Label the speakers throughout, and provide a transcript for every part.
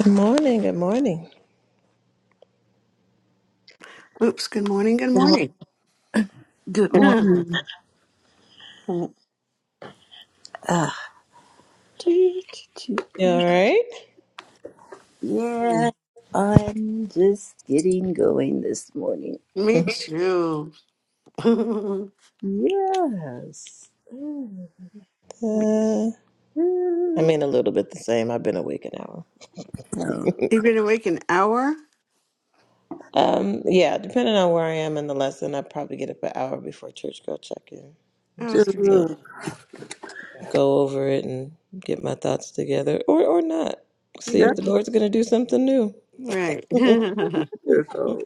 Speaker 1: Good morning. Good morning.
Speaker 2: Oops, good morning, good morning.
Speaker 3: Good morning. Uh,
Speaker 1: You all right?
Speaker 3: yeah, I'm just getting going this morning.
Speaker 2: Me too. You've
Speaker 3: Yes. Oh,
Speaker 1: Uh, I mean, a little bit the same. I've been awake an hour.
Speaker 2: been awake an hour?
Speaker 1: Um, yeah, depending on where I am in the lesson, I probably get up an hour before church girl check in, just
Speaker 2: Okay.
Speaker 1: to
Speaker 3: Wonderful.
Speaker 1: go over it and get my thoughts together, or or not. See if
Speaker 2: Yeah,
Speaker 1: the Lord's going to do something new.
Speaker 2: Right.
Speaker 1: it's
Speaker 2: well,
Speaker 3: Wonderful.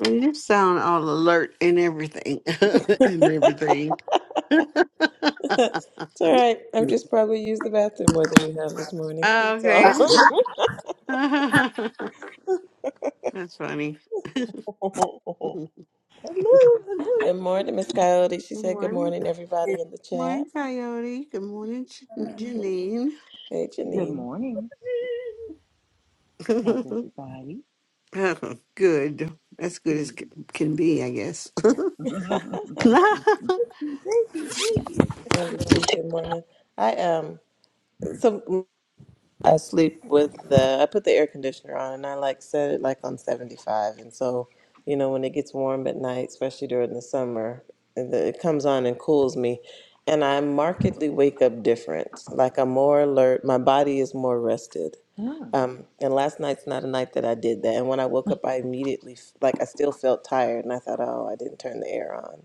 Speaker 2: you sound all alert and everything. and everything.
Speaker 1: all right. I've just probably used the bathroom more than you have this morning. That's
Speaker 2: okay.
Speaker 1: all.
Speaker 2: That's funny. Good
Speaker 3: Hello, hello.
Speaker 1: good morning, Miss Coyote. She said good
Speaker 2: morning.
Speaker 1: morning, everybody in the
Speaker 2: Morning, Coyote. Good morning,
Speaker 1: chat.
Speaker 2: Jan-
Speaker 1: Hey,
Speaker 4: Good
Speaker 1: Janine.
Speaker 4: morning. How's
Speaker 2: Janine.
Speaker 4: everybody?
Speaker 2: Good. As good as
Speaker 4: Good.
Speaker 2: c- can be, I
Speaker 1: Early Tuesday morning. I um some I sleep with the I put the air conditioner on and I like set it like on 75 and so you know when it gets warm at night, especially during the summer, and the, it comes on and cools me and I markedly wake up different. Like I'm more alert, my body is more rested.
Speaker 4: mm-hmm.
Speaker 1: Um, and last night's not a night that I did that. And when I woke up, I immediately, f- like, I still felt tired, and I thought, oh, I didn't turn the air on.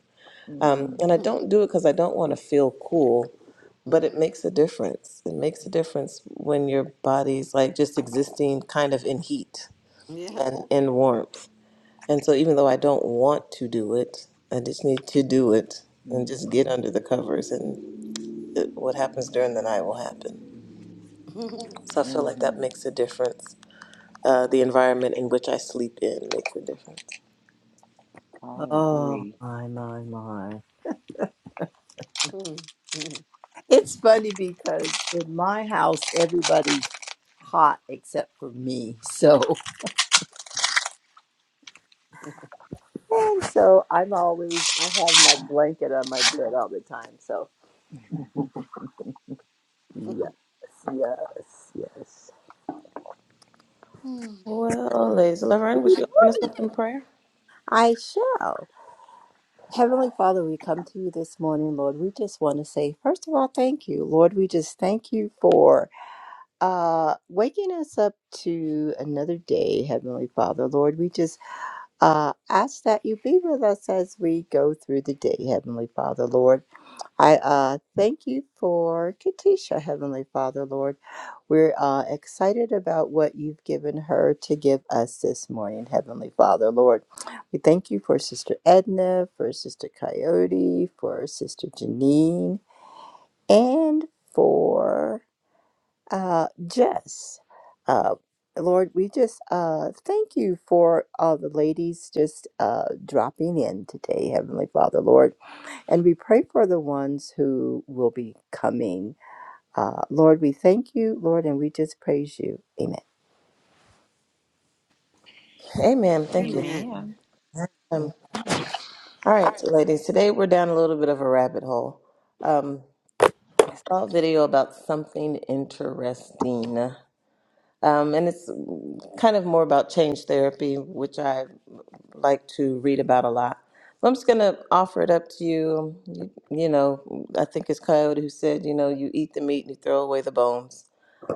Speaker 1: Um, and I
Speaker 2: Mhm,
Speaker 1: don't do it because I don't want to feel cool, but it makes a difference. It makes a difference when your body's like just existing kind of in heat
Speaker 2: mhm. yeah.
Speaker 1: and in warmth. And so even though I don't want to do it, I just need to do it and just get
Speaker 4: hmm
Speaker 1: under the covers and it, what happens during the night will happen. So I feel like that makes a difference. Uh, the environment in which I sleep in makes a difference.
Speaker 4: I
Speaker 3: Oh
Speaker 4: agree.
Speaker 3: my my my. It's funny because in my house, everybody's hot except for me. So, and so I'm always, I have my blanket on my bed all the time. So Yes, yes, yes.
Speaker 1: Well, ladies, Laverne, would you open us up in prayer?
Speaker 3: I shall. Heavenly Father, we come to you this morning, Lord. We just want to say, first of all, thank you, Lord. We just thank you for uh, waking us up to another day, Heavenly Father. Lord, we just uh, ask that you be with us as we go through the day, Heavenly Father, Lord. I uh, thank you for Katisha, Heavenly Father, Lord. We're uh, excited about what you've given her to give us this morning, Heavenly Father, Lord. We thank you for Sister Edna, for Sister Coyote, for Sister Janine, and for uh, Jess. Uh, Lord, we just uh, thank you for all the ladies just uh, dropping in today, Heavenly Father, Lord. And we pray for the ones who will be coming. Uh, Lord, we thank you, Lord, and we just praise you. Amen.
Speaker 1: Amen. Thank you.
Speaker 2: Amen.
Speaker 4: Amen.
Speaker 1: Um, All right, so ladies, today we're down a little bit of a rabbit hole. Um, I saw a video about something interesting, um, and it's kind of more about change therapy, which I like to read about a lot. But I'm just gonna offer it up to you. You, you know, I think it's Coyote who said, you know, you eat the meat and you throw away the bones.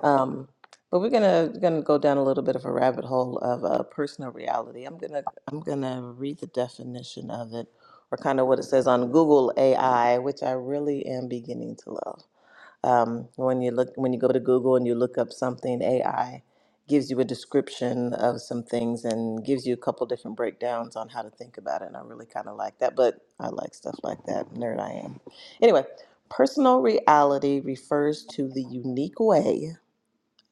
Speaker 1: Um, but we're gonna gonna go down a little bit of a rabbit hole of uh, personal reality. I'm gonna I'm gonna read the definition of it, or kind of what it says on Google AI, which I really am beginning to love um, when you look when you go to Google and you look up something, AI gives you a description of some things and gives you a couple different breakdowns on how to think about it. And I really kind of like that, but I like stuff like that. Nerd I am. Anyway, personal reality refers to the unique way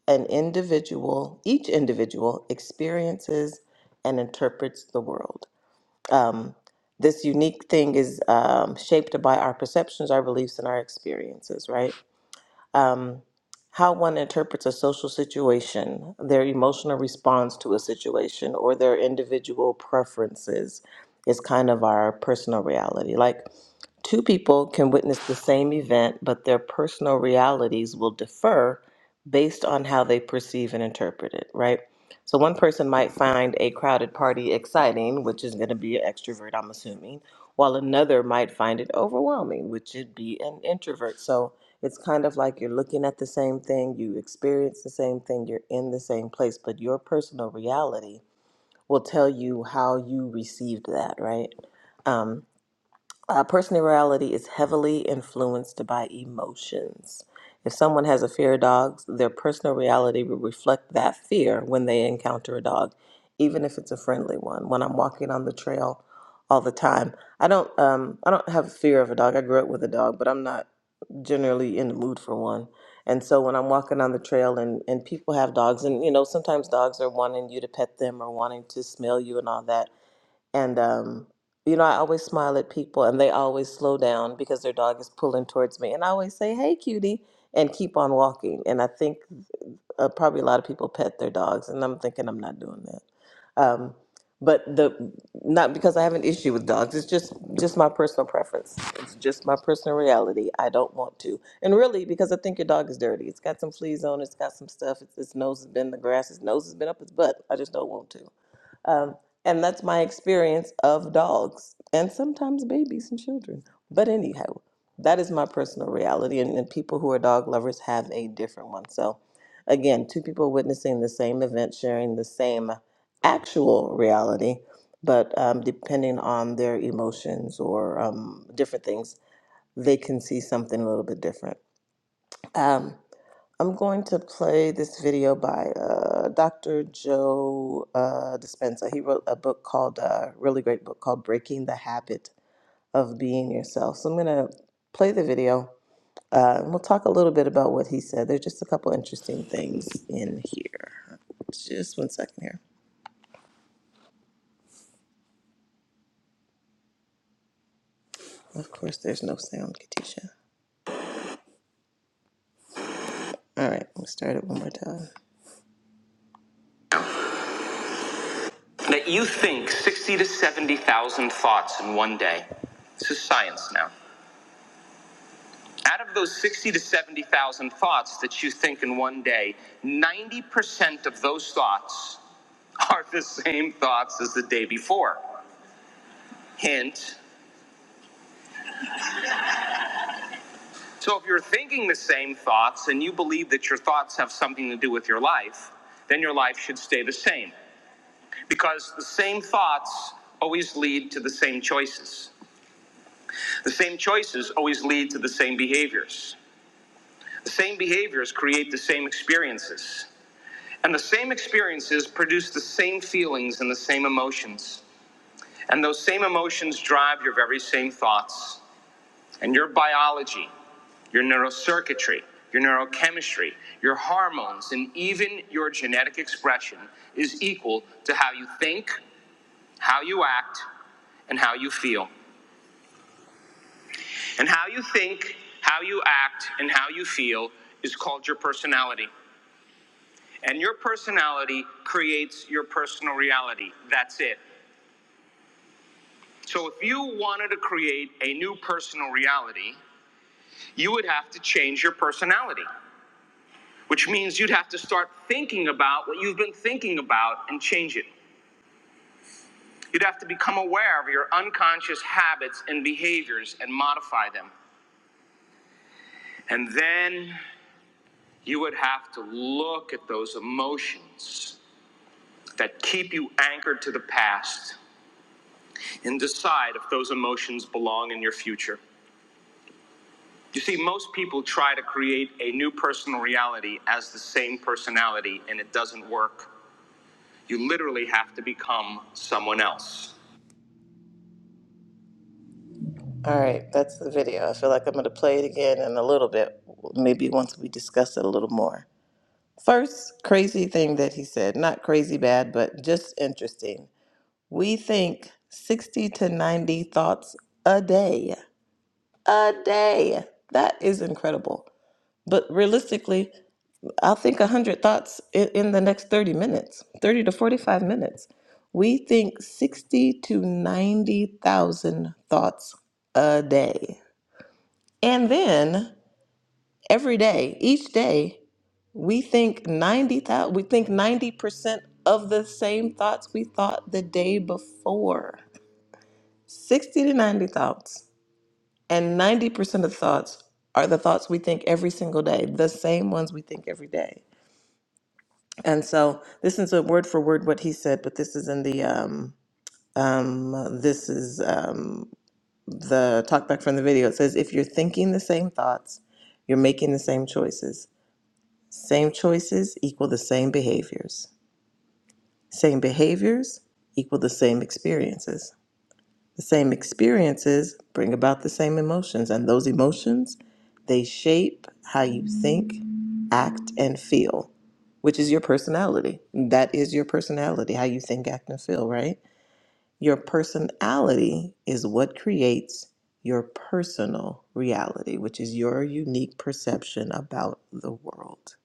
Speaker 1: an individual, each individual, experiences and interprets the world. Um, this unique thing is um, shaped by our perceptions, our beliefs, and our experiences, right? um, how one interprets a social situation, their emotional response to a situation, or their individual preferences is kind of our personal reality. Like two people can witness the same event, but their personal realities will differ based on how they perceive and interpret it, right? So one person might find a crowded party exciting, which is going to be an extrovert, I'm assuming, while another might find it overwhelming, which would be an introvert. So it's kind of like you're looking at the same thing, you experience the same thing, you're in the same place, but your personal reality will tell you how you received that, right? Um, uh, personality is heavily influenced by emotions. If someone has a fear of dogs, their personal reality will reflect that fear when they encounter a dog, even if it's a friendly one. When I'm walking on the trail all the time, I don't um, I don't have a fear of a dog. I grew up with a dog, but I'm not generally in the mood for one. And so when I'm walking on the trail and, and people have dogs, and you know, sometimes dogs are wanting you to pet them or wanting to smell you and all that and um, you know, I always smile at people, and they always slow down because their dog is pulling towards me, and I always say, "Hey, cutie," and keep on walking. And I think uh, probably a lot of people pet their dogs, and I'm thinking I'm not doing that. Um, but the not because I have an issue with dogs. It's just just my personal preference. It's just my personal reality. I don't want to, and really because I think your dog is dirty. It's got some fleas on. it, It's got some stuff. It's, its nose has been in the grass. Its nose has been up its butt. I just don't want to. Um, and that's my experience of dogs and sometimes babies and children. But anyhow, that is my personal reality, and, and people who are dog lovers have a different one. So, again, two people witnessing the same event, sharing the same actual reality, but um, depending on their emotions or um, different things, they can see something a little bit different. Um, I'm going to play this video by uh, Dr. Joe uh, Dispenza. He wrote a book called, uh, really great book called Breaking the Habit of Being Yourself. So I'm going to play the video uh, and we'll talk a little bit about what he said. There's just a couple interesting things in here. Just one second here. Of course, there's no sound, Katisha. All right, let's start it one more time. That you think 60 to 70,000 thoughts in one day. This is science now. Out of those 60 to 70,000 thoughts that you think in one day, 90% of those thoughts are the same thoughts as the day before. Hint. So if you're thinking the same thoughts and you believe that your thoughts have something to do with your life, then your life should stay the same. Because the same thoughts always lead to the same choices. The same choices always lead to the same behaviors. The same behaviors create the same experiences. And the same experiences produce the same feelings and the same emotions. And those same emotions drive your very same thoughts. And your biology, your neurocircuitry, your neurochemistry, your hormones, and even your genetic expression is equal to how you think, how you act, and how you feel. And how you think, how you act, and how you feel is called your personality. And your personality creates your personal reality. That's it. So if you wanted to create a new personal reality, you would have to change your personality, which means you'd have to start thinking about what you've been thinking about and change it. You'd have to become aware of your unconscious habits and behaviors and modify them. And then you would have to look at those emotions that keep you anchored to the past and decide if those emotions belong in your future. You see, most people try to create a new personal reality as the same personality, and it doesn't work. You literally have to become someone else. All right, that's the video. I feel like I'm going to play it again in a little bit, maybe once we discuss it a little more. First, crazy thing that he said, not crazy bad, but just interesting. We think 60 to 90 thoughts a day. A day. That is incredible. But realistically, I'll think 100 thoughts i- in the next 30 minutes, 30 to 45 minutes. We think 60 to 90,000 thoughts a day. And then every day, each day, we think 90,000, we think 90% of the same thoughts we thought the day before. 60 to 90 thoughts. And 90% of thoughts are the thoughts we think every single day, the same ones we think every day. And so this is a word for word what he said, but this is in the um um this is um the talkback from the video. It says if you're thinking the same thoughts, you're making the same choices. Same choices equal the same behaviors. Same behaviors equal the same experiences. The same experiences bring about the same emotions, and those emotions, they shape how you think, act, and feel, which is your personality. That is your personality, how you think, act, and feel, right? Your personality is what creates your personal reality, which is your unique perception about the world.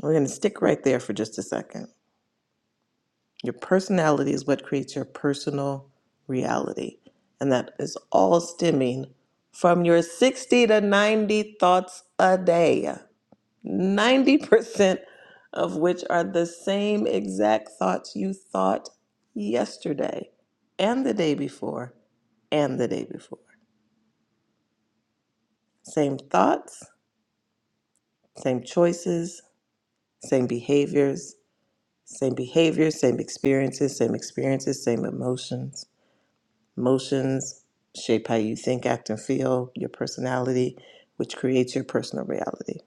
Speaker 1: We're going to stick right there for just a second. Your personality is what creates your personal reality. And that is all stemming from your 60 to 90 thoughts a day, 90% of which are the same exact thoughts you thought yesterday and the day before and the day before. Same thoughts, same choices, same behaviors, same behaviors, same experiences, same experiences, same emotions Motions shape how you think, act, and feel, your personality, which creates your personal reality.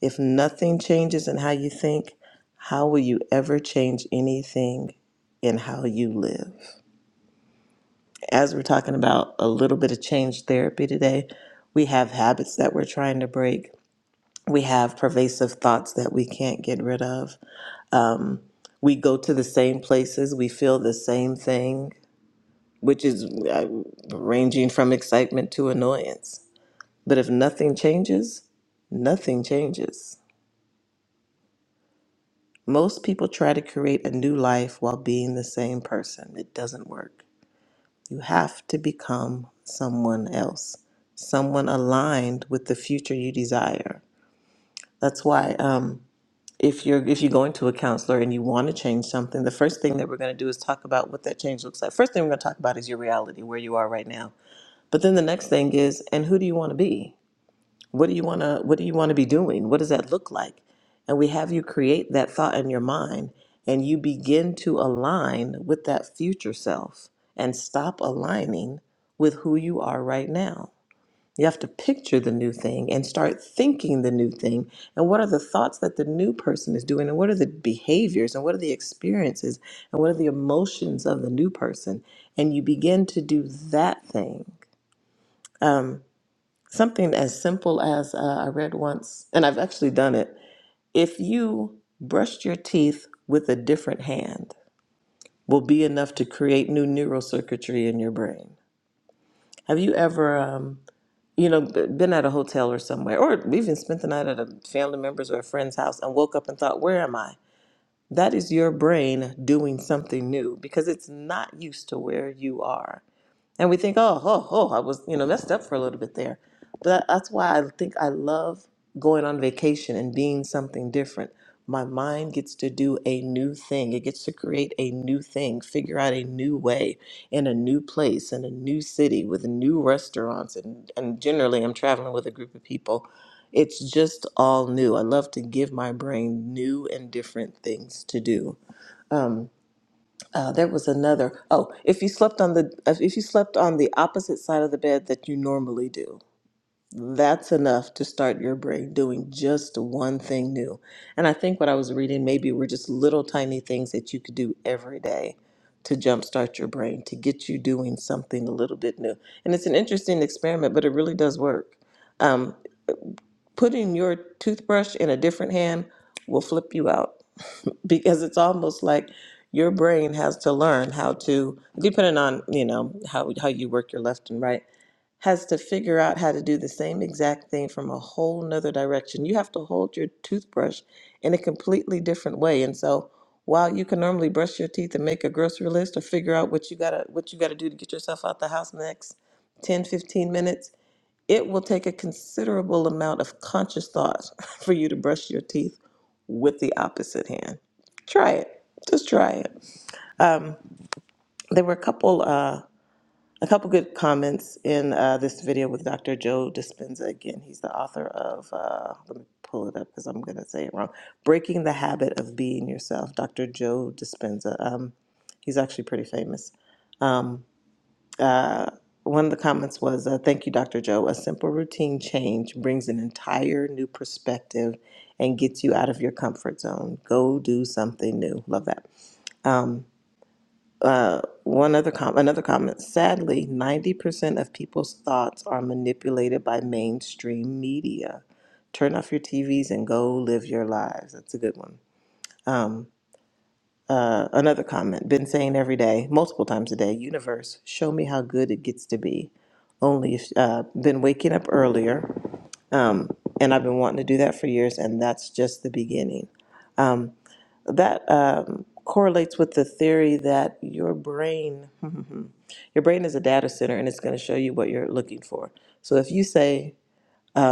Speaker 1: If nothing changes in how you think, how will you ever change anything in how you live? As we're talking about a little bit of change therapy today, we have habits that we're trying to break. We have pervasive thoughts that we can't get rid of. We go to the same places, we feel the same thing, which is uh, ranging from excitement to annoyance But if nothing changes, nothing changes. Most people try to create a new life while being the same person. It doesn't work. You have to become someone else, someone aligned with the future you desire. That's why um, if you're if you go into a counselor and you want to change something, the first thing that we're going to do is talk about what that change looks like. First thing we're going to talk about is your reality, where you are right now. But then the next thing is, and who do you want to be? What do you want to what do you want to be doing? What does that look like? And we have you create that thought in your mind and you begin to align with that future self and stop aligning with who you are right now. You have to picture the new thing and start thinking the new thing. And what are the thoughts that the new person is doing? And what are the behaviors? And what are the experiences? And what are the emotions of the new person? And you begin to do that thing Something as simple as uh, I read once, and I've actually done it. If you brushed your teeth with a different hand, will be enough to create new neural circuitry in your brain. Have you ever, um, you know, b- been at a hotel or somewhere, or even spent the night at a family member's or a friend's house and woke up and thought, "Where am I?" That is your brain doing something new because it's not used to where you are. and we think, oh, oh, oh, I was, you know, messed up for a little bit there. But that, that's why I think I love going on vacation and being something different. My mind gets to do a new thing. It gets to create a new thing, figure out a new way in a new place, in a new city with new restaurants. And, and generally, I'm traveling with a group of people. It's just all new. I love to give my brain new and different things to do. Uh, there was another. Oh, if you slept on the if if you slept on the opposite side of the bed that you normally do, that's enough to start your brain doing just one thing new. And I think what I was reading maybe were just little tiny things that you could do every day to jumpstart your brain to get you doing something a little bit new. And it's an interesting experiment, but it really does work. Um, putting your toothbrush in a different hand will flip you out because it's almost like your brain has to learn how to depending on you know how, how you work your left and right has to figure out how to do the same exact thing from a whole nother direction you have to hold your toothbrush in a completely different way and so while you can normally brush your teeth and make a grocery list or figure out what you gotta what you gotta do to get yourself out the house in the next 10 15 minutes it will take a considerable amount of conscious thought for you to brush your teeth with the opposite hand. Try it. Just try it. Um, there were a couple, uh, a couple good comments in uh, this video with Dr. Joe Dispenza. Again, he's the author of. Uh, let me pull it up because I'm going to say it wrong. Breaking the habit of being yourself, Dr. Joe Dispenza. Um, he's actually pretty famous. One of the comments was, uh, "Thank you, Dr. Joe. A simple routine change brings an entire new perspective and gets you out of your comfort zone. Go do something new. Love that." One other com- another comment. Sadly, ninety percent of people's thoughts are manipulated by mainstream media. Turn off your TVs and go live your lives. That's a good one. Uh, another comment. Been saying every day, multiple times a day. Universe, show me how good it gets to be only if, uh, been waking up earlier. and I've been wanting to do that for years, and that's just the beginning. That um, correlates with the theory that your brain, your brain is a data center, and it's going to show you what you're looking for. So if you say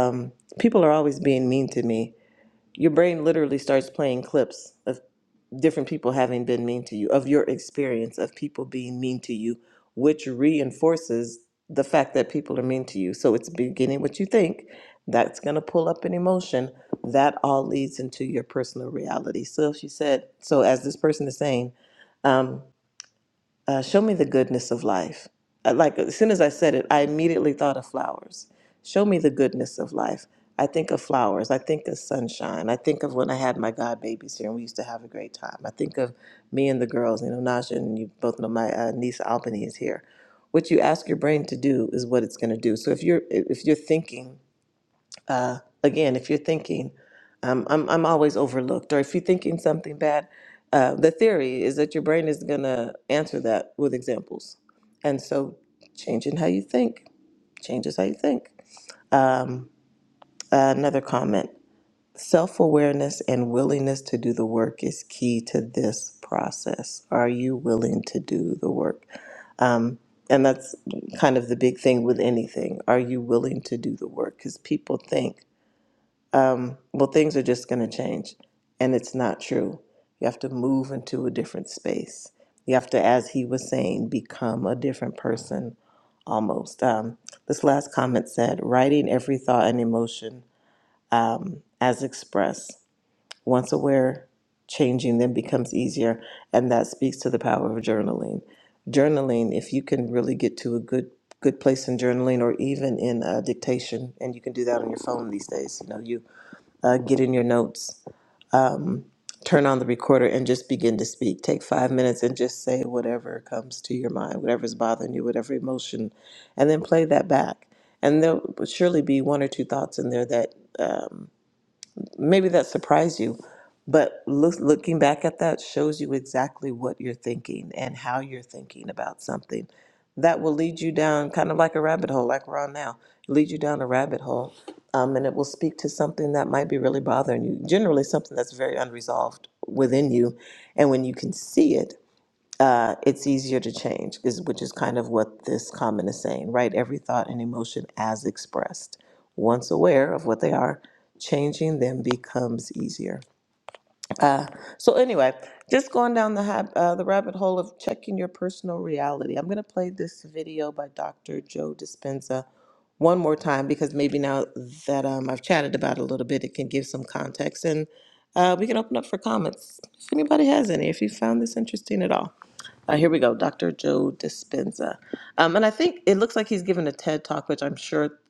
Speaker 1: um, people are always being mean to me, your brain literally starts playing clips. of different people having been mean to you, of your experience of people being mean to you, which reinforces the fact that people are mean to you. So it's beginning what you think. That's going to pull up an emotion. That all leads into your personal reality. So if she said, so as this person is saying, um, uh, show me the goodness of life. Uh, Like as soon as I said it, I immediately thought of flowers. Show me the goodness of life. I think of flowers. I think of sunshine. I think of when I had my god babies here and we used to have a great time. I think of me and the girls. You know, Naja and you both know my uh, niece Albany is here. What you ask your brain to do is what it's going to do. So if you're if you're thinking uh, again, if you're thinking, um, I'm, I'm always overlooked, or if you're thinking something bad, uh, the theory is that your brain is going to answer that with examples. And so changing how you think changes how you think. Um, another comment self awareness and willingness to do the work is key to this process. Are you willing to do the work? Um, and that's kind of the big thing with anything. Are you willing to do the work? Because people think, um, well, things are just going to change. And it's not true. You have to move into a different space. You have to, as he was saying, become a different person almost. Um, this last comment said writing every thought and emotion um, as expressed. Once aware, changing then becomes easier. And that speaks to the power of journaling. Journaling, if you can really get to a good good place in journaling or even in uh, dictation and you can do that on your phone these days you know you uh, get in your notes, turn on the recorder, and just begin to speak. Take five minutes and just say whatever comes to your mind, whatever's bothering you, whatever emotion, and then play that back. And there will surely be one or two thoughts in there that. um, maybe that surprised you, but look, looking back at that shows you exactly what you're thinking and how you're thinking about something. That will lead you down kind of like a rabbit hole, like we're on now. Lead you down a rabbit hole, um, and it will speak to something that might be really bothering you. Generally, something that's very unresolved within you, and when you can see it uh, it's easier to change, is which is kind of what this comment is saying, right? Every thought and emotion as expressed. Once aware of what they are, changing them becomes easier. Uh, so anyway, just going down the hab- uh, the rabbit hole of checking your personal reality. I'm gonna play this video by Dr. Joe Dispenza one more time because maybe now that um, I've chatted about it a little bit, it can give some context, and uh, we can open up for comments if anybody has any. If you found this interesting at all, uh, here we go, Dr. Joe Dispenza, um, and I think it looks like he's giving a TED talk, which I'm sure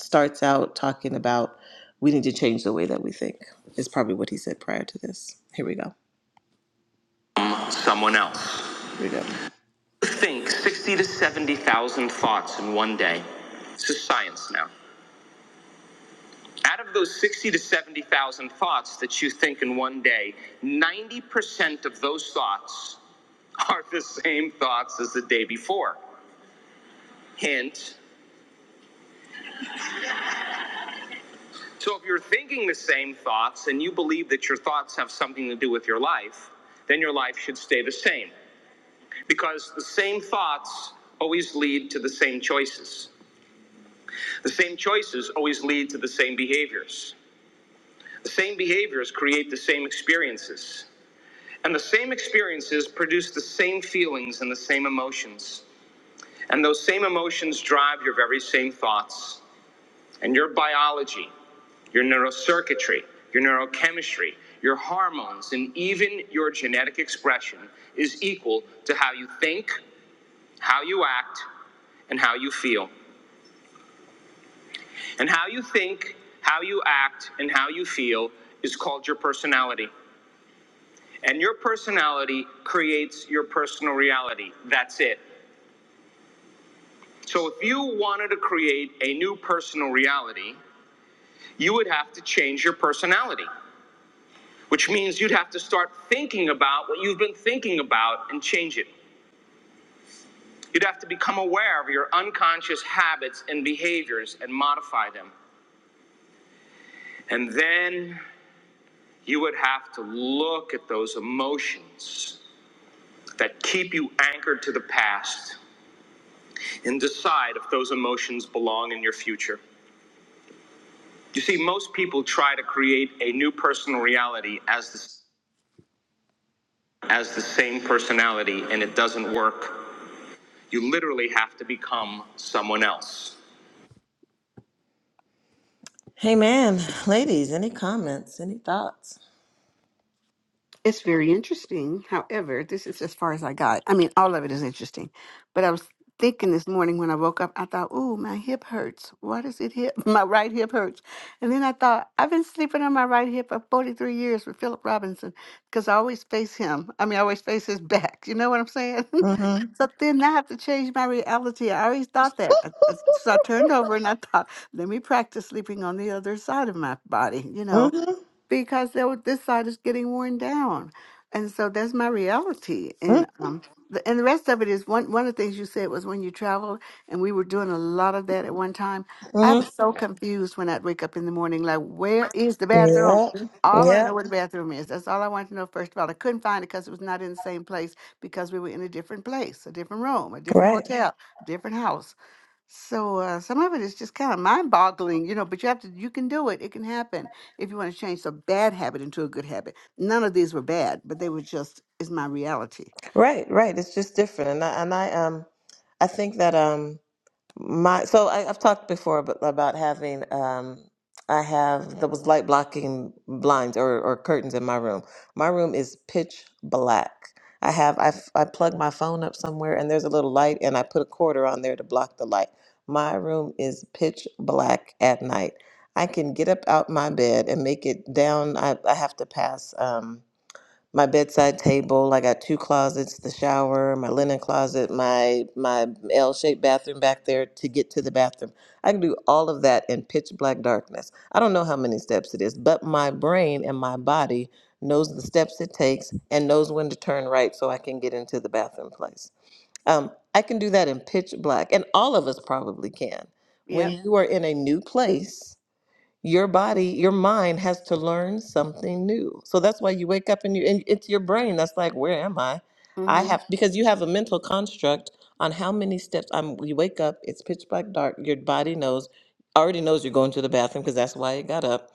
Speaker 1: starts out talking about we need to change the way that we think. Is probably what he said prior to this. Here we go. Someone else. Here we go. Think 60 to 70,000 thoughts in one day. This is science now. Out of those 60 to 70,000 thoughts that you think in one day, 90% of those thoughts are the same thoughts as the day before. Hint So if you're thinking the same thoughts and you believe that your thoughts have something to do with your life, then your life should stay the same because the same thoughts always lead to the same choices. The same choices always lead to the same behaviors. The same behaviors create the same experiences. And the same experiences produce the same feelings and the same emotions. And those same emotions drive your very same thoughts. and your biology, your neurocircuitry, your neurochemistry, your hormones, and even your genetic expression is equal to how you think, how you act, and how you feel. And how you think, how you act, and how you feel is called your personality. And your personality creates your personal reality. That's it. So if you wanted to create a new personal reality, you would have to change your personality. which means you'd have to start thinking about what you've been thinking about and change it. You'd have to become aware of your unconscious habits and behaviors and modify them. And then you would have to look at those emotions that keep you anchored to the past and decide if those emotions belong in your future. You see, most people try to create a new personal reality as the, as the same personality, and it doesn't work. You literally have to become someone else. Hey, man, ladies, any comments, any thoughts?
Speaker 2: It's very interesting. However, this is as far as I got. I mean, all of it is interesting. But I was thinking this morning when I woke up, I thought, "Ooh, my hip hurts. Why does it hip? My right hip hurts." And then I thought, "I've been sleeping on my right hip for 43 years with Philip Robinson because I always face him. I mean, I always face his back. You know what I'm saying?"
Speaker 1: Mm-hmm.
Speaker 2: so then I have to change my reality. I always thought that. I- I- So I turned over and I thought, "Let me practice sleeping on the other side of my body." You know
Speaker 1: Mm-hmm.
Speaker 2: because they were, this side is getting worn down, and so that's my reality. And um, the, and the rest of it is one one of the things you said was when you travel, and we were doing a lot of that at one time. I
Speaker 1: Mm-hmm.
Speaker 2: was so confused when I'd wake up in the morning, like where is the bathroom?
Speaker 1: Yeah,
Speaker 2: I want to
Speaker 1: yeah,
Speaker 2: know where the bathroom is. That's all I wanted to know. First of all, I couldn't find it because it was not in the same place because we were in a different place, a different room, a different
Speaker 1: right,
Speaker 2: hotel, different house. So uh, some of it is just kind of mind-boggling, you know. But you have to, you can do it. It can happen if you want to change a bad habit into a good habit. None of these were bad, but they were just is my reality.
Speaker 1: right, right. It's just different, and I and I um I think that um. My so I, I've talked before about, about having um I have there was light blocking blinds or, or curtains in my room. My room is pitch black. I have I f- I plug my phone up somewhere and there's a little light and I put a quarter on there to block the light. My room is pitch black at night. I can get up out my bed and make it down. I, I have to pass. um my bedside table. I got two closets, the shower, my linen closet, my my L-shaped bathroom back there to get to the bathroom. I can do all of that in pitch black darkness. I don't know how many steps it is, but my brain and my body knows the steps it takes and knows when to turn right so I can get into the bathroom place. Um, I can do that in pitch black, and all of us probably can. When
Speaker 2: Yep.
Speaker 1: Yeah. you are in a new place, your body, your mind has to learn something new. So that's why you wake up and you and it's your brain that's like, where am I? I
Speaker 2: Mm.
Speaker 1: have because you have a mental construct on how many steps I'm you wake up, it's pitch black dark, your body knows already knows you're going to the bathroom because that's why it got up.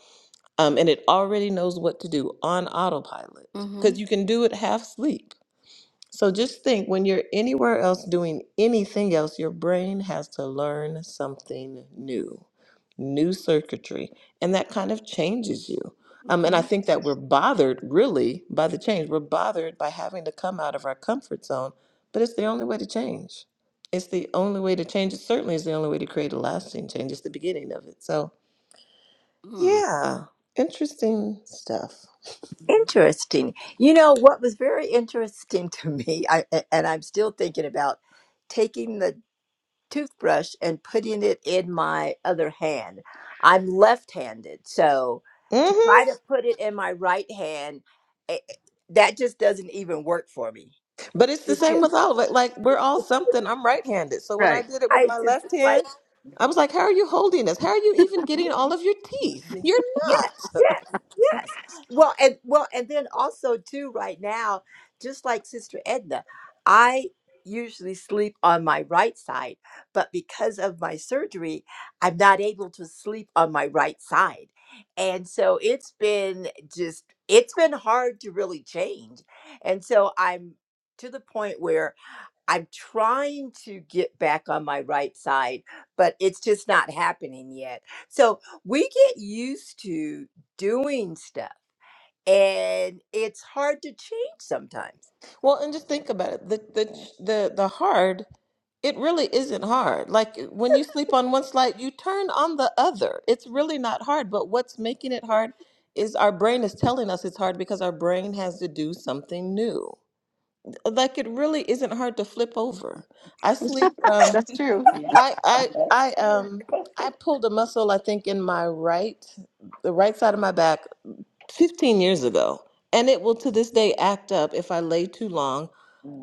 Speaker 1: Um,
Speaker 2: Mhm.
Speaker 1: and it already knows what to do on autopilot. Because
Speaker 2: Mhm.
Speaker 1: you can do it half sleep. So just think when you're anywhere else doing anything else, your brain has to learn something new, new circuitry. And that kind of changes you. Um, and I
Speaker 2: Mhm.
Speaker 1: think that we're bothered really by the change. We're bothered by having to come out of our comfort zone, but it's the only way to change. It's the only way to change. It certainly is the only way to create a lasting change. It's the beginning of it. So,
Speaker 2: Mm.
Speaker 1: yeah, interesting stuff.
Speaker 4: hmm
Speaker 3: Interesting. You know, what was very interesting to me, I, and I'm still thinking about taking the toothbrush and putting it in my other hand. I'm left handed. So to
Speaker 1: Mm-hmm.
Speaker 3: try to put it in my right hand, eh, eh, that just doesn't even work for me
Speaker 1: But it's the same
Speaker 3: because
Speaker 1: with all of it. Like we're all something. I'm right-handed. So when I
Speaker 2: Right.
Speaker 1: did it with
Speaker 3: I
Speaker 1: my
Speaker 3: just,
Speaker 1: left hand, I was like, how are you holding this? How are you even getting all of your teeth?
Speaker 4: hmm
Speaker 1: You're
Speaker 3: Yes,
Speaker 1: not.
Speaker 3: yes, yes. Well, and well, and then also too, right now, just like Sister Edna, I usually sleep on my right side, but because of my surgery, I'm not able to sleep on my right side, and so it's been just it's been hard to really change, and so I'm to the point where I'm trying to get back on my right side, but it's just not happening yet. So we get used to doing stuff and it's hard to change sometimes.
Speaker 1: Well, and just think about it. The the the the hard, it really isn't hard. Like when you sleep on one side, you turn on the other. It's really not hard, but what's making it hard is our brain is telling us it's hard because our brain has to do something new. Like it really isn't hard to flip over. I sleep um
Speaker 2: That's true.
Speaker 4: yeah,
Speaker 1: I I I
Speaker 4: that's true.
Speaker 1: um I pulled a muscle I think in my right the right side of my back 15 years ago and it will to this day act up if I lay too long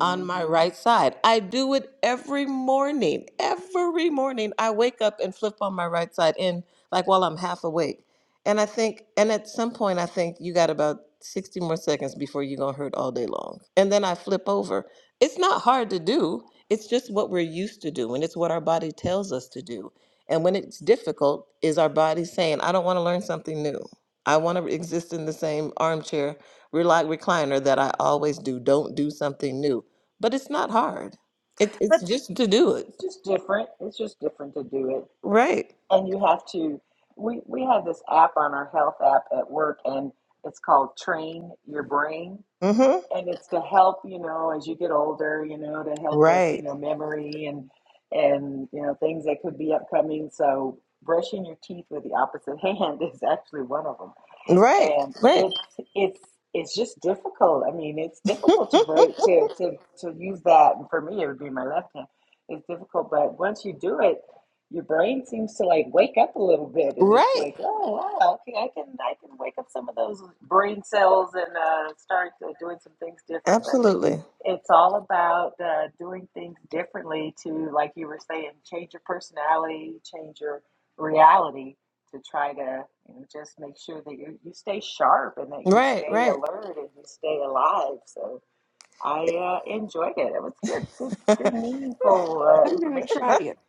Speaker 1: on my right side. I do it every morning. Every morning I wake up and flip on my right side in like while I'm half awake. And I think and at some point I think you got about 60 more seconds before you're going to hurt all day long. And then I flip over. It's not hard to do it's just what we're used to doing. It's what our body tells us to do. And when it's difficult, is our body saying, I don't want to learn something new. I want to exist in the same armchair, reli- recliner that I always do. Don't do something new. But it's not hard. It, it's
Speaker 3: But
Speaker 1: just to do it.
Speaker 4: It's just different. It's just different to do it.
Speaker 1: Right.
Speaker 4: And you have to, we, we have this app on our health app at work, and it's called Train Your Brain.
Speaker 1: Mm-hmm.
Speaker 4: and it's to help you know as you get older you know to help with you
Speaker 1: Right.
Speaker 4: know memory and and you know things that could be upcoming so brushing your teeth with the opposite hand is actually one of them
Speaker 1: Right.
Speaker 4: and
Speaker 1: Right.
Speaker 4: it's it's it's just difficult. I mean, it's difficult to break to to to use that, and for me, it would be my left hand. It's difficult, but once you do it, your brain seems to like wake up a little bit, and it's
Speaker 1: right.
Speaker 4: like, oh wow, okay, I can I can wake up some of those brain cells and uh, start uh, doing some things differently.
Speaker 1: Absolutely.
Speaker 4: It's all about uh, doing things differently to, like you were saying, change your personality, change your reality to try to you know, just make sure that you, you stay sharp and that you
Speaker 1: Right.
Speaker 4: stay
Speaker 1: Right.
Speaker 4: alert and you stay alive. So I uh, enjoyed it. It was good, good, good, meaningful uh,
Speaker 2: I'm gonna
Speaker 4: information.
Speaker 2: try it.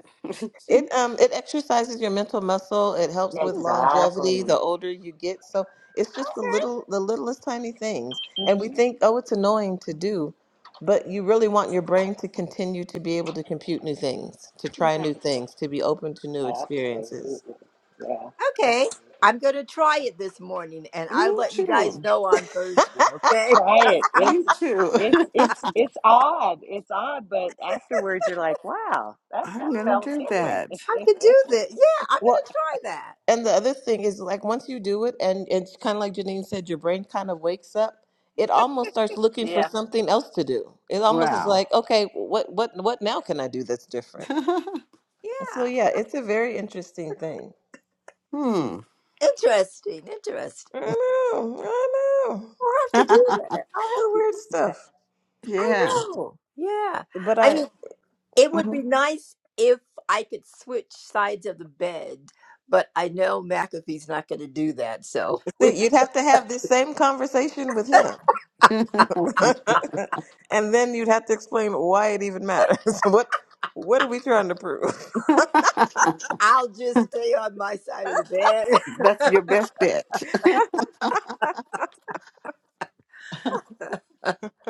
Speaker 1: It um it exercises your mental muscle. It helps with
Speaker 4: Exactly.
Speaker 1: longevity the older you get. So it's just the little the littlest tiny things. And we
Speaker 4: hmm
Speaker 1: think, oh, it's annoying to do, but you really want your brain to continue to be able to compute new things, to try
Speaker 2: Right.
Speaker 1: new things, to be open to new experiences.
Speaker 4: Absolutely. Yeah.
Speaker 3: okay,
Speaker 4: Absolutely.
Speaker 3: I'm going to try it this morning and I'll
Speaker 2: Me
Speaker 3: let you guys
Speaker 2: too.
Speaker 3: know on Thursday, okay?
Speaker 4: Try it. It's
Speaker 2: Me too.
Speaker 4: it's it's it's odd. It's odd, but afterwards you're like, wow, that that
Speaker 2: I'm gonna
Speaker 4: felt
Speaker 2: do
Speaker 4: different.
Speaker 2: that.
Speaker 3: I could do this. Yeah, I'm going
Speaker 1: Well,
Speaker 3: to try that.
Speaker 1: and the other thing is like once you do it and it's kind of like Janine said your brain kind of wakes up. It almost starts looking for
Speaker 4: yeah.
Speaker 1: something else to do. It almost is
Speaker 2: Wow.
Speaker 1: like, okay, what what what now can I do that's different? So
Speaker 3: Yeah.
Speaker 1: yeah, it's a very interesting thing.
Speaker 2: hmm.
Speaker 3: Interesting. Interesting.
Speaker 1: I know, I know.
Speaker 3: I'll have to do that. I'll
Speaker 1: The
Speaker 3: have to
Speaker 1: weird
Speaker 3: do that.
Speaker 1: stuff.
Speaker 3: I
Speaker 2: yeah.
Speaker 3: know. Yeah.
Speaker 1: But
Speaker 3: I
Speaker 1: I
Speaker 3: mean, it would
Speaker 1: Mhm.
Speaker 3: be nice if I could switch sides of the bed, but I know McAfee's not going to do that. So we
Speaker 1: see you'd have to have this same conversation with him. and then you'd have to explain why it even matters. what what are we trying to prove?
Speaker 3: I'll just stay on my side of the bed.
Speaker 2: That's your best bet.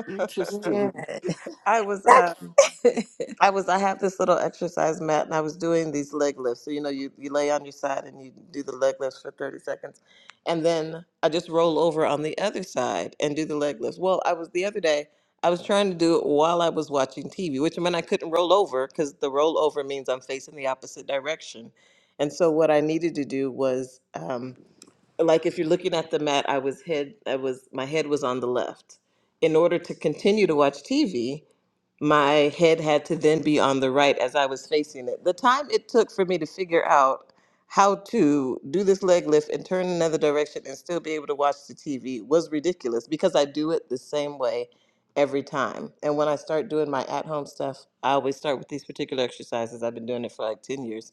Speaker 2: Interesting.
Speaker 3: Man.
Speaker 1: I was uh
Speaker 3: That's
Speaker 1: I was I have this little exercise mat and I was doing these leg lifts. So you know you, you lay on your side and you do the leg lifts for 30 seconds. And then I just roll over on the other side and do the leg lifts. Well, I was the other day I was trying to do it while I was watching TV, which meant I couldn't roll over cuz the roll over means I'm facing the opposite direction. And so what I needed to do was um like if you're looking at the mat, I was head I was my head was on the left. In order to continue to watch TV, my head had to then be on the right as I was facing it. The time it took for me to figure out how to do this leg lift and turn another direction and still be able to watch the TV was ridiculous because I do it the same way every time. And when I start doing my at home stuff, I always start with these particular exercises. I've been doing it for like 10 years.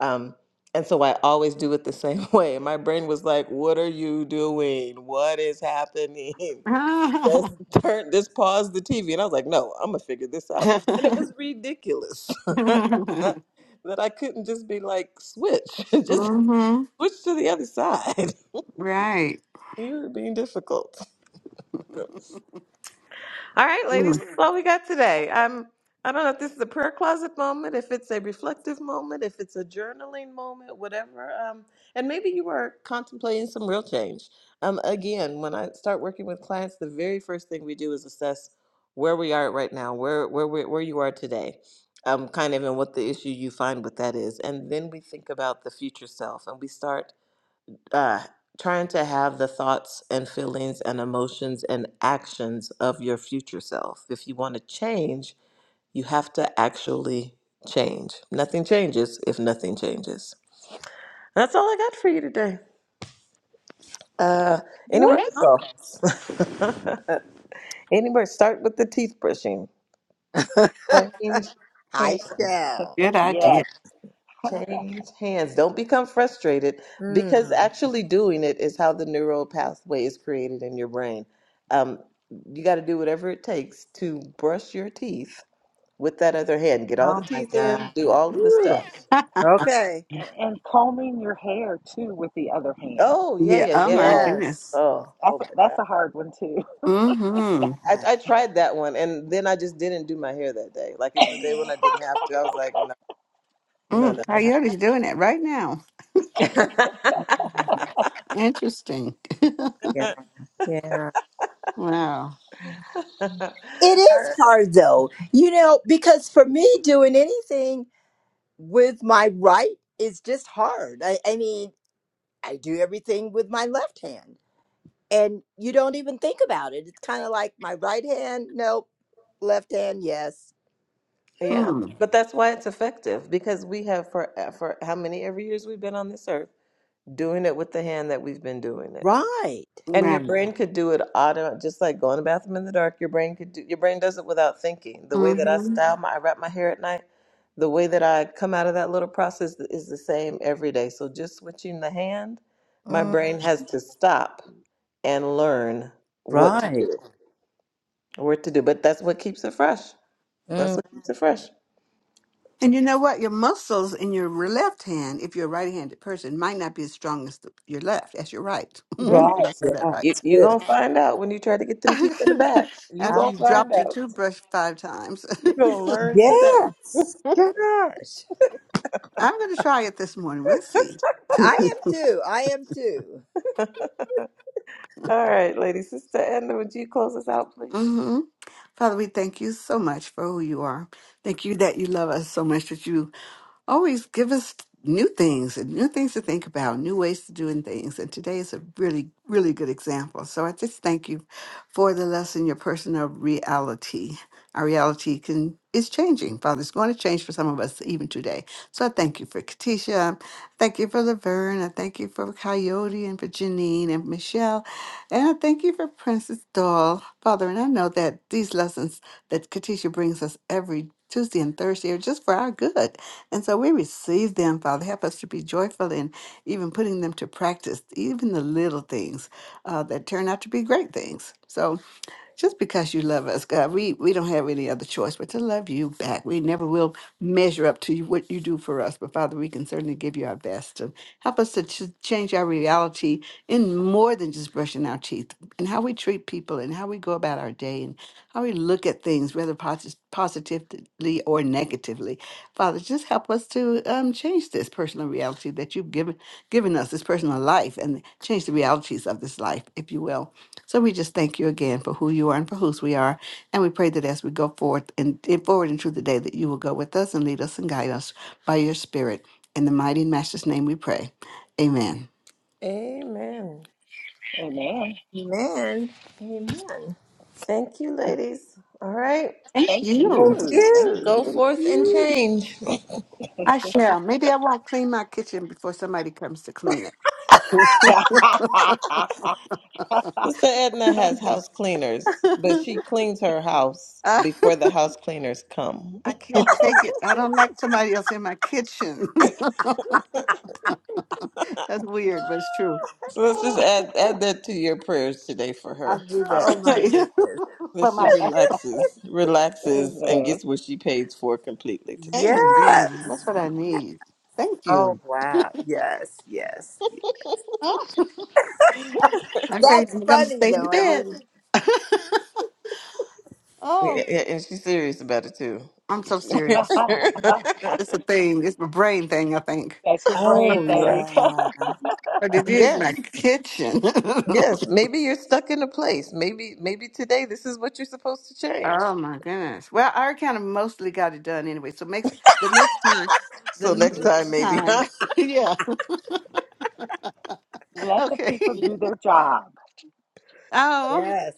Speaker 1: Um, and so I always do it the same way. And my brain was like, What are you doing? What is happening? Just turn just pause the TV. And I was like, no, I'm gonna figure this out. And it was ridiculous that I couldn't just be like, switch, just
Speaker 2: Mm-hmm.
Speaker 1: switch to the other side.
Speaker 2: Right.
Speaker 1: You're being difficult. All right, ladies,
Speaker 2: Mm,
Speaker 1: that's all we got today. Um, I don't know if this is a prayer closet moment, if it's a reflective moment, if it's a journaling moment, whatever. Um, and maybe you are contemplating some real change. Um, again, when I start working with clients, the very first thing we do is assess where we are right now, where where we- where you are today, um, kind of, and what the issue you find with that is, and then we think about the future self, and we start uh, trying to have the thoughts and feelings and emotions and actions of your future self. If you want to change, you have to actually change. Nothing changes if nothing changes. That's all I got for you today. Uh, any more Thank you.
Speaker 3: wonderful.
Speaker 1: comments? any more? Start with the teeth brushing. Change
Speaker 3: I
Speaker 1: hands.
Speaker 3: shall.
Speaker 2: Good idea.
Speaker 4: Yes.
Speaker 1: Change hands. Don't become frustrated because
Speaker 3: Mm.
Speaker 1: actually doing it is how the neural pathway is created in your brain. Um, you got to do whatever it takes to brush your teeth with that other hand. Get all
Speaker 3: Oh
Speaker 1: the
Speaker 3: my
Speaker 1: teeth in, do
Speaker 3: God.
Speaker 1: all of the
Speaker 3: Whew.
Speaker 1: stuff.
Speaker 3: Okay.
Speaker 4: And, and combing your hair too with the other hand.
Speaker 1: Oh, yeah,
Speaker 2: yeah.
Speaker 1: yeah,
Speaker 2: Oh
Speaker 1: yeah.
Speaker 2: my
Speaker 1: Oh,
Speaker 3: Yes.
Speaker 2: goodness.
Speaker 1: oh,
Speaker 4: That's
Speaker 1: oh
Speaker 4: a,
Speaker 1: my God.
Speaker 4: that's a hard one too.
Speaker 3: Yeah.
Speaker 2: Mm-hmm.
Speaker 1: I, I tried that one and then I just didn't do my hair that day. Like it was a day when I didn't have to. I was like, no, no,
Speaker 2: Mm,
Speaker 1: no.
Speaker 3: Yeah.
Speaker 2: Coyote's doing it right now.
Speaker 3: Mm.
Speaker 2: Interesting.
Speaker 1: All
Speaker 3: Yeah.
Speaker 2: wow.
Speaker 3: Yeah. It is hard though, you know, because for me, doing anything with my right is just hard. I, I mean, I do everything with my left hand, and you don't even think about it. It's kind of like my right hand, nope, left hand, yes.
Speaker 1: Yeah,
Speaker 2: Hmm.
Speaker 1: but that's why it's effective because we have for uh, for how many every years we've been on this earth doing it with the hand that we've been doing it.
Speaker 3: Right.
Speaker 1: And your
Speaker 2: Right.
Speaker 1: brain could do it auto, just like going to the bathroom in the dark. Your brain could do. Your brain does it without thinking. The way that I
Speaker 2: Mm-hmm.
Speaker 1: style my, I wrap my hair at night. The way that I come out of that little process is the same every day. So just switching the hand, my
Speaker 3: Mm,
Speaker 1: brain has to stop and learn what to
Speaker 3: right.
Speaker 1: do, what to do. But that's what keeps it fresh. That's
Speaker 3: Mm,
Speaker 1: what keeps it fresh.
Speaker 2: And you know what? Your muscles in your re- left hand, if you're a right-handed person, might not be as strong as the, your left as your right. Did
Speaker 3: right.
Speaker 2: I say
Speaker 3: Yeah,
Speaker 2: that right?
Speaker 1: You
Speaker 3: that's
Speaker 1: you
Speaker 3: good.
Speaker 1: gonna find out when you try to get them teeth in the back. You
Speaker 3: Oh,
Speaker 2: After
Speaker 1: gonna
Speaker 2: you've
Speaker 3: my-
Speaker 1: find
Speaker 2: dropped your
Speaker 1: out.
Speaker 2: toothbrush five times.
Speaker 1: You're gonna learn today.
Speaker 3: yes. Gosh.
Speaker 2: I'm going to try it this morning. We'll see.
Speaker 3: I am too. I am too.
Speaker 1: All right, ladies. Sister Edna, would you close us out, please?
Speaker 2: hmm Father, we thank you so much for who you are. Thank you that you love us so much that you always give us new things and new things to think about, new ways to doing things. And today is a really, really good example. So I just thank you for the lesson, your personal reality. Our reality can is changing, Father. It's going to change for some of us even today. So I thank you for Katisha. Thank you for Laverne. I thank you for Coyote and for Janine and Michelle. And I thank you for Princess Doll. Father, and I know that these lessons that Katisha brings us every Tuesday and Thursday are just for our good and so we receive them, Father. Help us to be joyful in even putting them to practice, even the little things uh, that turn out to be great things. So just because you love us, God, we, we don't have any other choice but to love you back. We never will measure up to you, what you do for us. But Father, we can certainly give you our best. And help us to ch- change our reality in more than just brushing our teeth and how we treat people and how we go about our day and how we look at things, whether posi- positive, positively or negatively. Father, just help us to um, change this personal reality that you've given given us, this personal life, and change the realities of this life, if you will. So we just thank you again for who you are and for whose we are, and we pray that as we go forth and and forward into the day, that you will go with us and lead us and guide us by your Spirit. In the mighty and Master's name, we pray. Amen.
Speaker 1: Amen.
Speaker 4: Amen.
Speaker 3: Amen. Amen.
Speaker 1: Thank you, ladies. All right.
Speaker 2: Thank
Speaker 4: Thank
Speaker 2: you.
Speaker 3: Thank
Speaker 4: you. Thank
Speaker 3: you.
Speaker 1: Go
Speaker 4: you.
Speaker 3: Thank
Speaker 1: forth and
Speaker 3: you.
Speaker 1: change.
Speaker 2: I shall. Maybe I won't clean my kitchen before somebody comes to clean it.
Speaker 1: Sister Edna has house cleaners, but she cleans her house before the house cleaners come.
Speaker 2: I can't take it. I don't like somebody else in my kitchen. That's weird, but it's true.
Speaker 1: So let's just add add that to your prayers today for
Speaker 2: I'll
Speaker 1: her.
Speaker 2: do that.
Speaker 3: Oh my goodness.
Speaker 1: that
Speaker 2: for
Speaker 1: she
Speaker 2: my
Speaker 1: relaxes, relaxes, and
Speaker 4: Amen.
Speaker 1: gets what she pays for completely today.
Speaker 3: Yes.
Speaker 2: amen. That's what I need. Thank
Speaker 3: Oh
Speaker 2: you.
Speaker 3: wow. Yes. Yes.
Speaker 2: Oh, okay,
Speaker 3: That's
Speaker 2: I'm gonna
Speaker 3: funny
Speaker 2: stay in
Speaker 3: though.
Speaker 2: the
Speaker 3: I
Speaker 2: bed.
Speaker 3: mean.
Speaker 1: Yeah, yeah,
Speaker 2: oh,
Speaker 1: yeah, and she's serious about it too.
Speaker 2: I'm so serious. It's a thing. It's my brain thing, I think.
Speaker 4: That's your brain
Speaker 3: Oh
Speaker 4: thing.
Speaker 3: yeah.
Speaker 2: But it is
Speaker 1: yes,
Speaker 2: my kitchen. oh
Speaker 1: yes. Maybe you're stuck in a place. Maybe, maybe today this is what you're supposed to change.
Speaker 2: my goodness. Well, I kind of mostly got it done anyway. So makes the next time. The
Speaker 1: So next time,
Speaker 2: next
Speaker 1: maybe.
Speaker 2: time. yeah.
Speaker 4: Let the
Speaker 2: Okay.
Speaker 4: people do their job.
Speaker 2: Oh,
Speaker 3: Yes.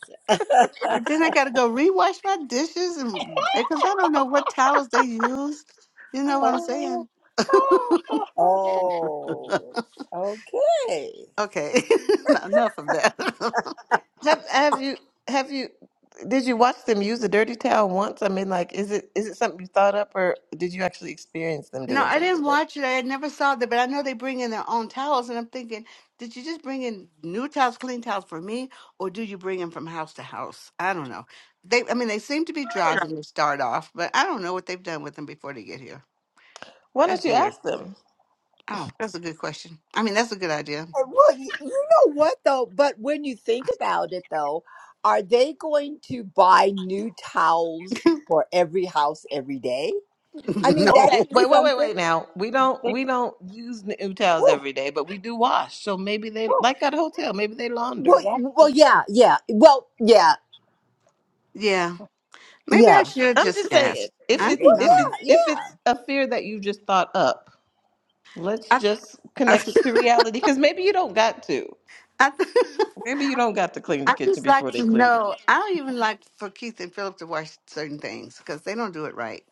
Speaker 2: I then I gotta go rewash my dishes and because I don't know what towels they use. You know what I'm
Speaker 3: Oh.
Speaker 2: saying?
Speaker 3: Oh. Okay.
Speaker 2: okay, not enough of that.
Speaker 1: Have Have you Have you Did you watch them use a dirty towel once? I mean, like, is it is it something you thought up, or did you actually experience them
Speaker 2: no,
Speaker 1: doing
Speaker 2: I
Speaker 1: something?
Speaker 2: didn't
Speaker 1: like That,
Speaker 2: watch it. I never saw that, but I know they bring in their own towels, and I'm thinking, did you just bring in new towels, clean towels for me, or do you bring them from house to house? I don't know. They, I mean, they seem to be dry when they start off, but I don't know what they've done with them before they get here.
Speaker 1: why don't
Speaker 2: That's
Speaker 1: you
Speaker 2: weird.
Speaker 1: ask them?
Speaker 2: Oh, that's a good question. I mean, that's a good idea.
Speaker 3: And Well, you, you know what though? But when you think about it though, are they going to buy new towels for every house every day? I mean, that's
Speaker 1: Okay,
Speaker 2: no.
Speaker 3: just
Speaker 1: wait, wait, wait,
Speaker 3: something.
Speaker 1: wait. Now we don't
Speaker 4: They
Speaker 1: we don't use new towels
Speaker 4: woo,
Speaker 1: every day, but we do wash. So maybe they
Speaker 4: woo.
Speaker 1: like at a hotel. Maybe they
Speaker 4: Is
Speaker 3: Well,
Speaker 1: launder.
Speaker 4: that?
Speaker 3: well,
Speaker 4: Is,
Speaker 3: yeah, yeah. Well, yeah,
Speaker 2: Yeah, maybe
Speaker 3: yeah,
Speaker 2: I should
Speaker 1: I'm
Speaker 2: just
Speaker 1: just saying,
Speaker 2: ask.
Speaker 4: oh
Speaker 1: if
Speaker 2: I
Speaker 4: my
Speaker 2: don't
Speaker 1: it's
Speaker 4: goodness!
Speaker 1: if
Speaker 2: know.
Speaker 1: it's
Speaker 3: yeah.
Speaker 1: if it's a fear that you just thought up, let's
Speaker 2: I
Speaker 1: just
Speaker 2: I,
Speaker 1: connect it to reality. Because maybe you don't got to.
Speaker 2: I,
Speaker 1: Maybe you don't got to clean the
Speaker 2: I
Speaker 1: kitchen
Speaker 2: just like
Speaker 1: before they
Speaker 2: to
Speaker 1: clean the
Speaker 2: know.
Speaker 1: kitchen.
Speaker 2: I don't even like for Keith and Philip to watch certain things because they don't do it right.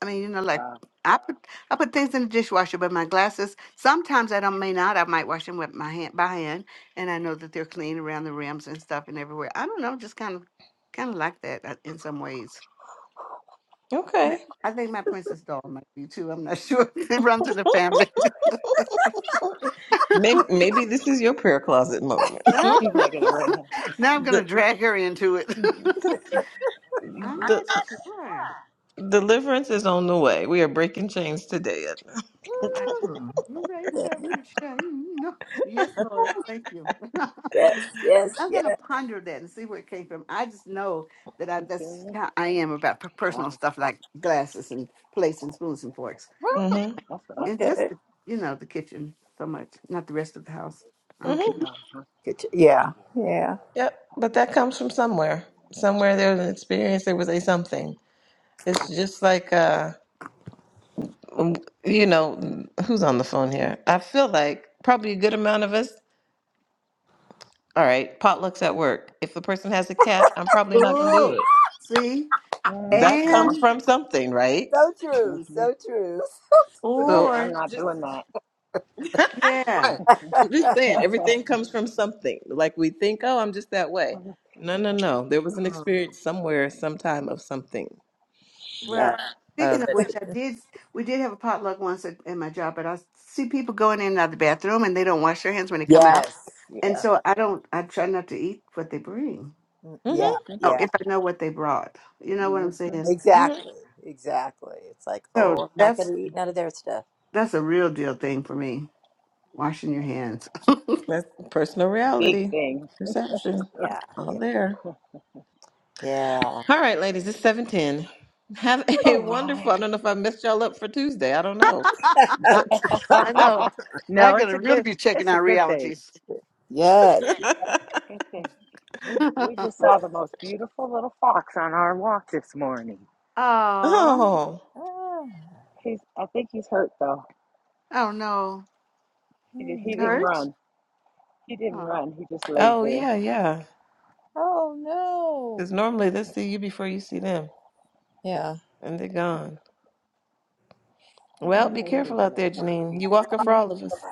Speaker 2: I mean, you know, like
Speaker 4: Wow,
Speaker 2: I put I put things in the dishwasher, but my glasses sometimes I don't may not. I might wash them with my hand by hand, and I know that they're clean around the rims and stuff and everywhere. I don't know, just kind of kind of like that uh, in some ways. And
Speaker 1: Okay.
Speaker 2: I think my princess doll might be too. I'm not sure. it runs in the family.
Speaker 1: Maybe maybe this is your prayer closet moment.
Speaker 2: now
Speaker 4: he's not gonna run. Huh?
Speaker 2: I'm going to
Speaker 1: the,
Speaker 2: drag her into it.
Speaker 1: the,
Speaker 2: I'm
Speaker 1: the
Speaker 2: not sure.
Speaker 1: deliverance is on the way. We are breaking chains today.
Speaker 2: I you raised
Speaker 3: Mm.
Speaker 2: up the shame. No. Yes, Lord. Thank you.
Speaker 3: Yes, yes,
Speaker 2: I'm going to
Speaker 3: yeah.
Speaker 2: ponder that and see where it came from. I just know that I,
Speaker 4: He's still
Speaker 2: that's
Speaker 4: this?
Speaker 2: how I am about per- personal
Speaker 4: Wow,
Speaker 2: stuff like glasses and plates and spoons and forks.
Speaker 1: Mm-hmm.
Speaker 4: that's what I
Speaker 2: And
Speaker 4: think.
Speaker 2: just,
Speaker 3: Okay.
Speaker 2: the, you know, the kitchen so much, not the rest of the house. Okay.
Speaker 4: Uh-huh.
Speaker 3: Good ch- Yeah, yeah.
Speaker 1: Yep, but that comes from somewhere. Somewhere there was an experience, there was a something. It's just like, uh, um, you know, who's on the phone here? I feel like probably a good amount of us. All right, potlucks at work. If the person has a cat, I'm probably not going to do
Speaker 2: Oh,
Speaker 1: it.
Speaker 2: see?
Speaker 4: Mm,
Speaker 1: That comes
Speaker 4: no,
Speaker 2: And,
Speaker 1: from something, right?
Speaker 3: So true.
Speaker 4: mm-hmm.
Speaker 3: So true.
Speaker 1: So,
Speaker 4: nope,
Speaker 1: I'm
Speaker 4: I'm
Speaker 2: or,
Speaker 4: not
Speaker 1: just
Speaker 4: doing that.
Speaker 2: yeah.
Speaker 1: right. I'm just saying, everything comes from something. Like we think, oh, I'm just that way. No, no, no. There was an
Speaker 3: Mm.
Speaker 1: experience somewhere, sometime of something uh,
Speaker 2: Well,
Speaker 3: Yeah.
Speaker 1: uh,
Speaker 2: speaking of
Speaker 1: that
Speaker 2: which,
Speaker 1: did.
Speaker 2: I did. We did have a potluck once at, at my job, but I see people going in and out of the bathroom, and they don't wash their hands when they come out.
Speaker 3: Yes.
Speaker 2: And
Speaker 4: yeah,
Speaker 2: so I don't. I try not to eat what they bring.
Speaker 3: Mm, Yeah.
Speaker 1: Mm-hmm.
Speaker 4: mm-hmm.
Speaker 2: Oh,
Speaker 3: Yeah.
Speaker 2: if I know what they brought, you know what I'm
Speaker 4: Mm-hmm.
Speaker 2: saying.
Speaker 3: Exactly. Exactly. It's like,
Speaker 2: So
Speaker 3: oh, I'm not
Speaker 2: that's
Speaker 3: gonna eat none of their stuff.
Speaker 2: that's a real deal thing for me. Washing your hands.
Speaker 1: That's personal
Speaker 4: big
Speaker 1: reality,
Speaker 4: thing.
Speaker 1: perception,
Speaker 3: Yeah.
Speaker 1: all
Speaker 3: Yeah.
Speaker 1: there.
Speaker 3: Yeah.
Speaker 1: All right, ladies, it's 710. Have a
Speaker 4: All
Speaker 1: wonderful, I
Speaker 4: right.
Speaker 1: don't know if I messed y'all up for Tuesday. I don't know. But
Speaker 2: I know. Now
Speaker 4: no,
Speaker 2: I'm
Speaker 4: it's
Speaker 2: gonna
Speaker 4: a
Speaker 2: really
Speaker 4: good.
Speaker 2: be checking
Speaker 4: It's a
Speaker 2: our
Speaker 4: good thing.
Speaker 2: realities.
Speaker 3: Yes.
Speaker 4: It's a good thing. We we just saw the most beautiful little fox on our walk this morning.
Speaker 2: Oh,
Speaker 1: oh,
Speaker 3: Ah,
Speaker 4: He's. I think he's hurt though.
Speaker 2: oh no,
Speaker 4: He did. He didn't
Speaker 3: mm,
Speaker 2: hurts.
Speaker 4: run. He didn't
Speaker 2: Oh,
Speaker 4: run. He just laid
Speaker 1: oh,
Speaker 4: there.
Speaker 1: yeah, yeah.
Speaker 3: Oh no.
Speaker 1: Because normally they see you before you see them,
Speaker 3: Yeah.
Speaker 1: and they're gone.
Speaker 4: I'm
Speaker 1: Well,
Speaker 4: gonna
Speaker 1: be
Speaker 4: pray for
Speaker 1: careful
Speaker 4: you,
Speaker 1: out there,
Speaker 4: little
Speaker 1: Janine.
Speaker 4: Foxy.
Speaker 1: You walking for all of
Speaker 2: no.
Speaker 1: us.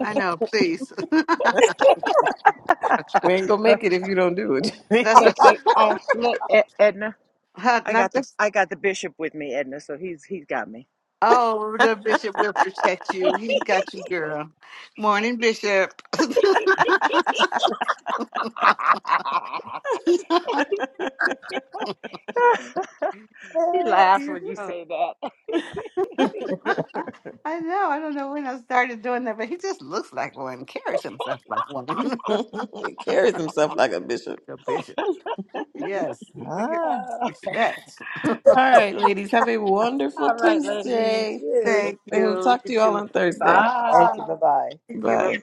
Speaker 2: I know. Please.
Speaker 1: We ain't gonna make it if you don't do it.
Speaker 2: That's
Speaker 4: look,
Speaker 1: Janine.
Speaker 4: I, I look, E- Edna. I
Speaker 2: not
Speaker 4: got the,
Speaker 2: this.
Speaker 4: I got the bishop with me, Edna. So he's, he's got me.
Speaker 2: Oh, well, the bishop will protect you. He got you, girl. Morning, bishop.
Speaker 4: he
Speaker 3: Ah.
Speaker 4: laughs
Speaker 2: Yeah.
Speaker 4: when you
Speaker 2: I
Speaker 4: say that.
Speaker 2: know. I don't know when I started doing that, but he just looks like one, carries himself like one. the
Speaker 1: he carries himself like a bishop.
Speaker 2: bishop. Yes, we give
Speaker 3: ah,
Speaker 2: respect.
Speaker 1: All right,
Speaker 4: All
Speaker 1: ladies, have a wonderful
Speaker 4: right,
Speaker 3: Thank
Speaker 4: ladies.
Speaker 1: Tuesday.
Speaker 3: you.
Speaker 2: Thank
Speaker 1: And we'll
Speaker 2: you.
Speaker 1: talk
Speaker 2: You
Speaker 1: to you all
Speaker 2: too.
Speaker 1: on Thursday.
Speaker 3: Thank
Speaker 4: Bye.
Speaker 3: you. Bye bye.
Speaker 2: Take care. Bye.
Speaker 1: Bye.